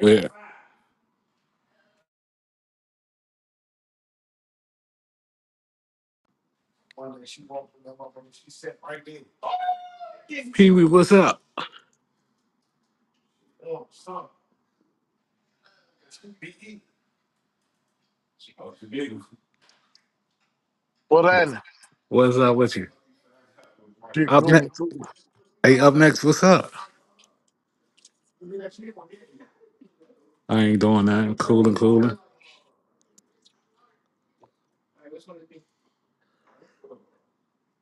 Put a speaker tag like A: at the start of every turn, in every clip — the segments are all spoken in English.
A: Yeah. Pee Wee, what's up?
B: What happened?
A: What's up with you?
B: Shit,
A: Up
B: cool me
A: next.
B: cool.
A: Hey, up next, what's up? I ain't doing nothing. Cool and cooling.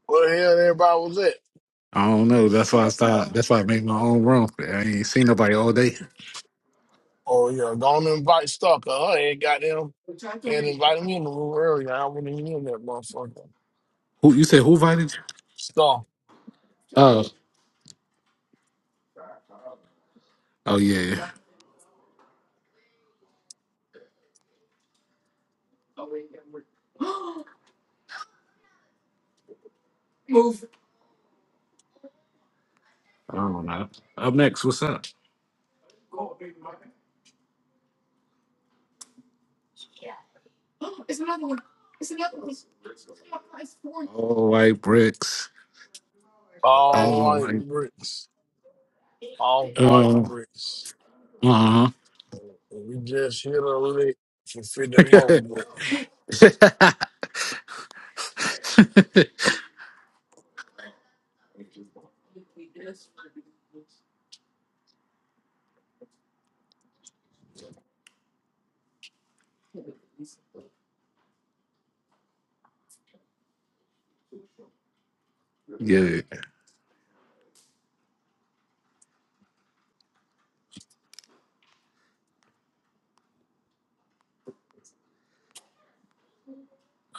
B: Where the hell everybody was at?
A: I don't know. That's why I stopped. That's why I make my own room. I ain't seen nobody all day.
B: Oh yeah, don't invite Stalker. I ain't got them. Can't invite me in the room earlier. I wouldn't even in that motherfucker.
A: Who you said who invited you?
B: Stalk.
A: Oh. Oh yeah. I don't know. Up next, what's up? All white bricks.
B: All
A: All
B: white
A: white.
B: bricks. All white
A: Oh.
B: bricks.
A: Uh
B: We just hit a lick for 50 more
A: huh.
B: bricks.
A: yeah.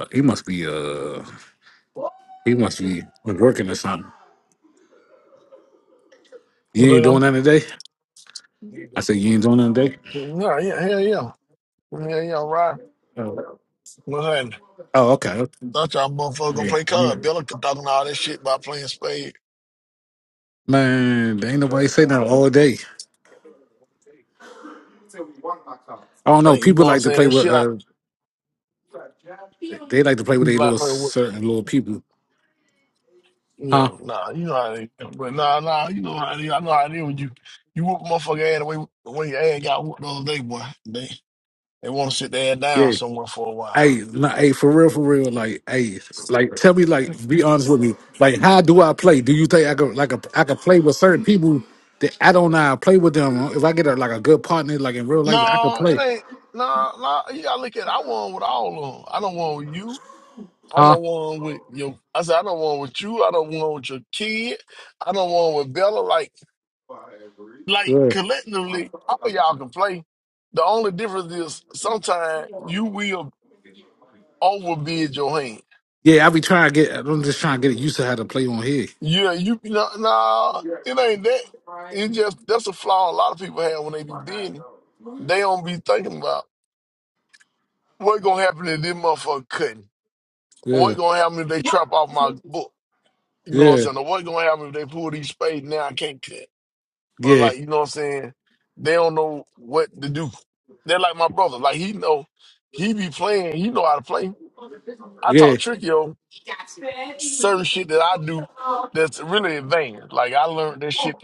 A: Uh, He must be uh He must be was working or something.
B: You
A: You ain't doing
B: know?
A: nothing today? I said, You ain't doing nothing today?
B: Yeah, yeah, hell yeah. Hell yeah, right.
A: Oh,
B: What happened?
A: oh okay.
B: thought y'all motherfucker gonna
A: Yeah.
B: play
A: yeah.
B: card. Bill talking all that shit about playing spade.
A: Man, there ain't nobody say that all day. I don't know.
B: Like, you know
A: People
B: what I'm
A: like to
B: saying?
A: play
B: That
A: with,
B: shit I
A: uh, they like to play with
B: people
A: their
B: like
A: little
B: play
A: certain little people.
B: Yeah,
A: Huh?
B: nah, you know how they but nah nah, you know how they I know how they when you you whoop a motherfucker ass away the way the way your ass got whooped the other day, boy. They they wanna sit their ass down
A: Yeah.
B: somewhere for a while.
A: Hey, nah, hey, for real, for real. Like, hey, like, tell me, like, be honest with me. Like, how do I play? Do you think I could, like, a, I could play with certain people that I don't know how to play with them? If I get a, like a good partner, like in real life, I could
B: Nah, it
A: play.
B: ain't nah nah you gotta look at it. I won with all of them. I don't won with you. I
A: Huh?
B: don't won with your I said I don't won with you, I don't won with your kid, I don't won with Bella. Like like
A: Yeah.
B: collectively, all y'all can play. The only difference is sometimes you will overbid your hand.
A: Yeah, I be trying to get. I'm just trying to get used to how to play on here.
B: Yeah, you no, nah, it ain't that. It just that's a flaw a lot of people have when they be bidding. They don't be thinking about what gonna happen if this motherfucker cutting. What
A: Yeah,
B: gonna happen if they trap off my book? You know what I'm
A: yeah,
B: saying? Or what gonna happen if they pull these spades now I can't cut? Or
A: yeah,
B: like, you know what I'm saying? They don't know what to do. They're like my brother. Like he know he be playing, he know how to play. I
A: yeah,
B: talk tricky certain shit that I do that's really advanced. Like I learned that shit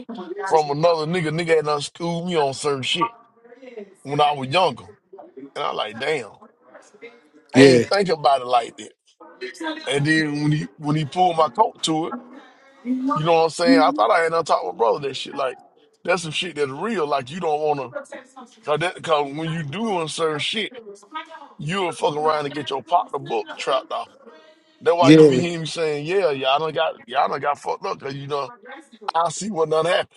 B: from another nigga. Nigga had done schooled me on certain shit when I was younger. And I like, damn, I
A: yeah,
B: ain't think about it like that. And then when he when he pulled my coat to it, you know what I'm saying? I thought I had done taught my brother that shit. Like that's some shit that's real. Like you don't wanna cause that cause when you doing certain shit, you'll fuck around and get your partner book trapped off. That's why you
A: yeah,
B: be hearing me saying, yeah, y'all done got y'all done got fucked up because you know I see what done happened.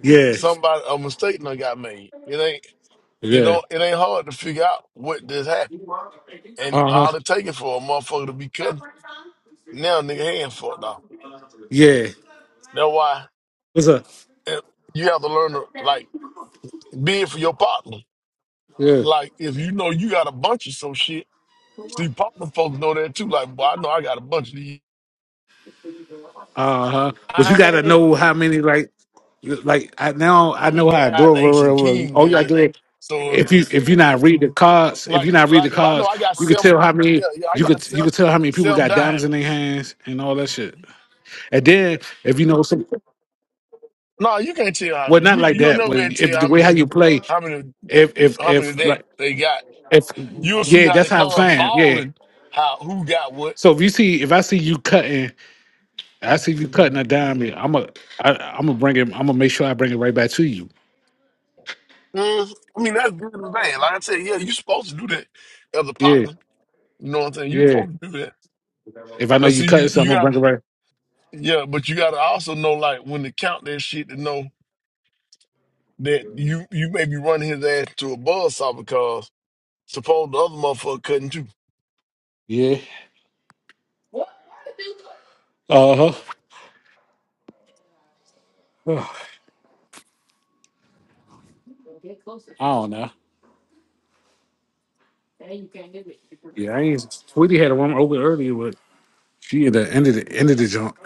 A: yeah,
B: somebody a mistake done got made. It ain't it
A: yeah.
B: don't it ain't hard to figure out what this happened. And
A: Uh huh.
B: all it taking for a motherfucker to be cutting, now nigga hand fucked off.
A: Yeah.
B: That's why
A: What's up?
B: eh, you have to learn to like be it for your partner.
A: Yeah.
B: Like if you know you got a bunch of some shit, see partner folks know that too. Like, boy, I know I got a bunch of these.
A: Uh huh. But you gotta
B: I
A: know how many like like I now I know
B: ain't
A: how to do it.
B: got
A: real,
B: ace and
A: real, real.
B: king
A: All you gotta
B: good.
A: do is
B: So
A: if you if you not read the cards, if you
B: like
A: not read the
B: like if I know
A: cards,
B: I got
A: you could
B: some
A: tell how many
B: yeah, yeah, I
A: you
B: got
A: could you
B: some
A: could tell how many people
B: some
A: got diamonds in their
B: diamonds.
A: hands and all that shit. And then if you know some.
B: No, you can't tell how
A: Well,
B: many.
A: not
B: You
A: like
B: you'll
A: that.
B: never
A: Well,
B: be able to
A: if
B: tell
A: the
B: how
A: way how
B: many
A: you play,
B: how many
A: if if
B: how many
A: if
B: that
A: like
B: they got.
A: if
B: You'll see
A: yeah,
B: how
A: that's
B: they
A: how I'm
B: come
A: saying. Yeah.
B: falling, how who got what.
A: So if you see, if I see you cutting, I see you cutting a dime.
B: Mm,
A: I'm a, I, I'm gonna bring it. I'm gonna make sure I bring it right back to you.
B: I mean that's good and bad. Like I said, yeah, you supposed to do that as a
A: Yeah,
B: partner. You know what I'm saying? You
A: yeah.
B: supposed to do that.
A: If I know
B: But
A: you
B: see
A: cutting
B: you, you
A: something, I'm gonna
B: gotta
A: bring it right.
B: yeah, but you gotta also know like when to count that shit to know that you you may be running his ass to a buzzsaw because suppose the other motherfucker couldn't too.
A: Yeah. Uh huh. I don't know. Yeah, I ain't. Sweetie had a room open earlier, but she at the end of the end of the jump.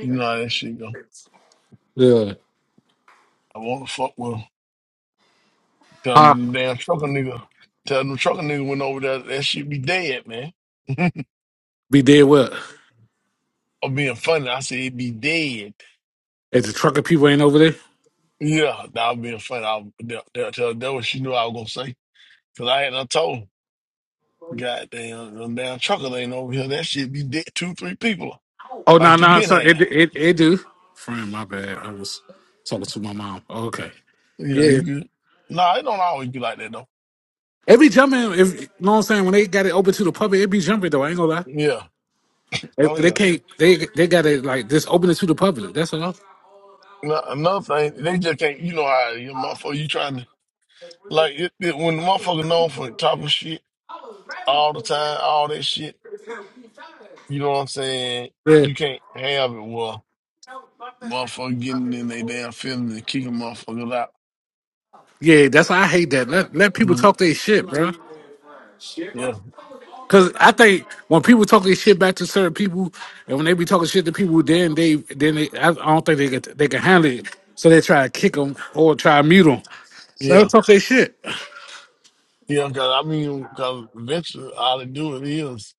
B: You know how that shit go.
A: Yeah.
B: I wanna fuck with 'em. Tell the damn trucker nigga, tell them trucker nigga went over there, that shit be dead, man.
A: Be dead what?
B: I'm being funny. I said it be dead.
A: If the trucker people ain't over there.
B: Yeah, that was being funny. I, that, that, that, that what she knew I was gonna say. Cause I had I told her, goddamn, them damn trucker ain't over here. That shit be dead. Two, three people
A: Oh no,
B: like you
A: no,
B: been
A: so it
B: had.
A: it it do. Friend, my bad. I was talking to my mom. Okay.
B: Yeah, you
A: Yeah.
B: good. Nah, it don't always be like that though.
A: It be jumping if you know what I'm saying, when they got it open to the public, it be jumping though, I ain't gonna lie.
B: Yeah.
A: They,
B: Oh
A: they
B: yeah.
A: can't they they got it like just open it to the public. That's all.
B: Now, another thing, they just can't. You know how your motherfucker, you trying to Like it, it, when the motherfucker known for talking shit all the time, all that shit. You know what I'm saying?
A: Yeah.
B: You can't have it. Well, motherfucker getting in their damn feelings and kicking motherfuckers out.
A: Yeah, that's why I hate that. Let let people
B: Mm,
A: talk their shit, bro.
B: Yeah,
A: Cause I think when people talk their shit back to certain people, and when they be talking shit to people, then they then they I I don't think they can they can handle it, so they try to kick them or try to mute them. Let them
B: yeah,
A: talk their shit.
B: yeah. Cause I mean, cause eventually all they do it is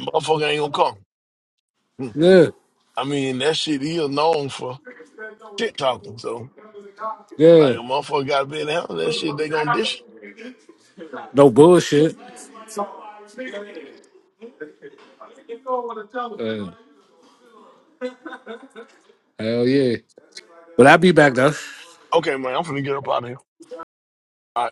B: motherfucker ain't gonna come. Mm.
A: Yeah,
B: I mean, that shit is known for shit talking. So like
A: yeah.
B: a motherfucker got to be in the hell that shit. They gonna dish. it.
A: No bullshit. Uh, hell yeah. But i be back though.
B: Okay, man, I'm finna get up out of here. All right.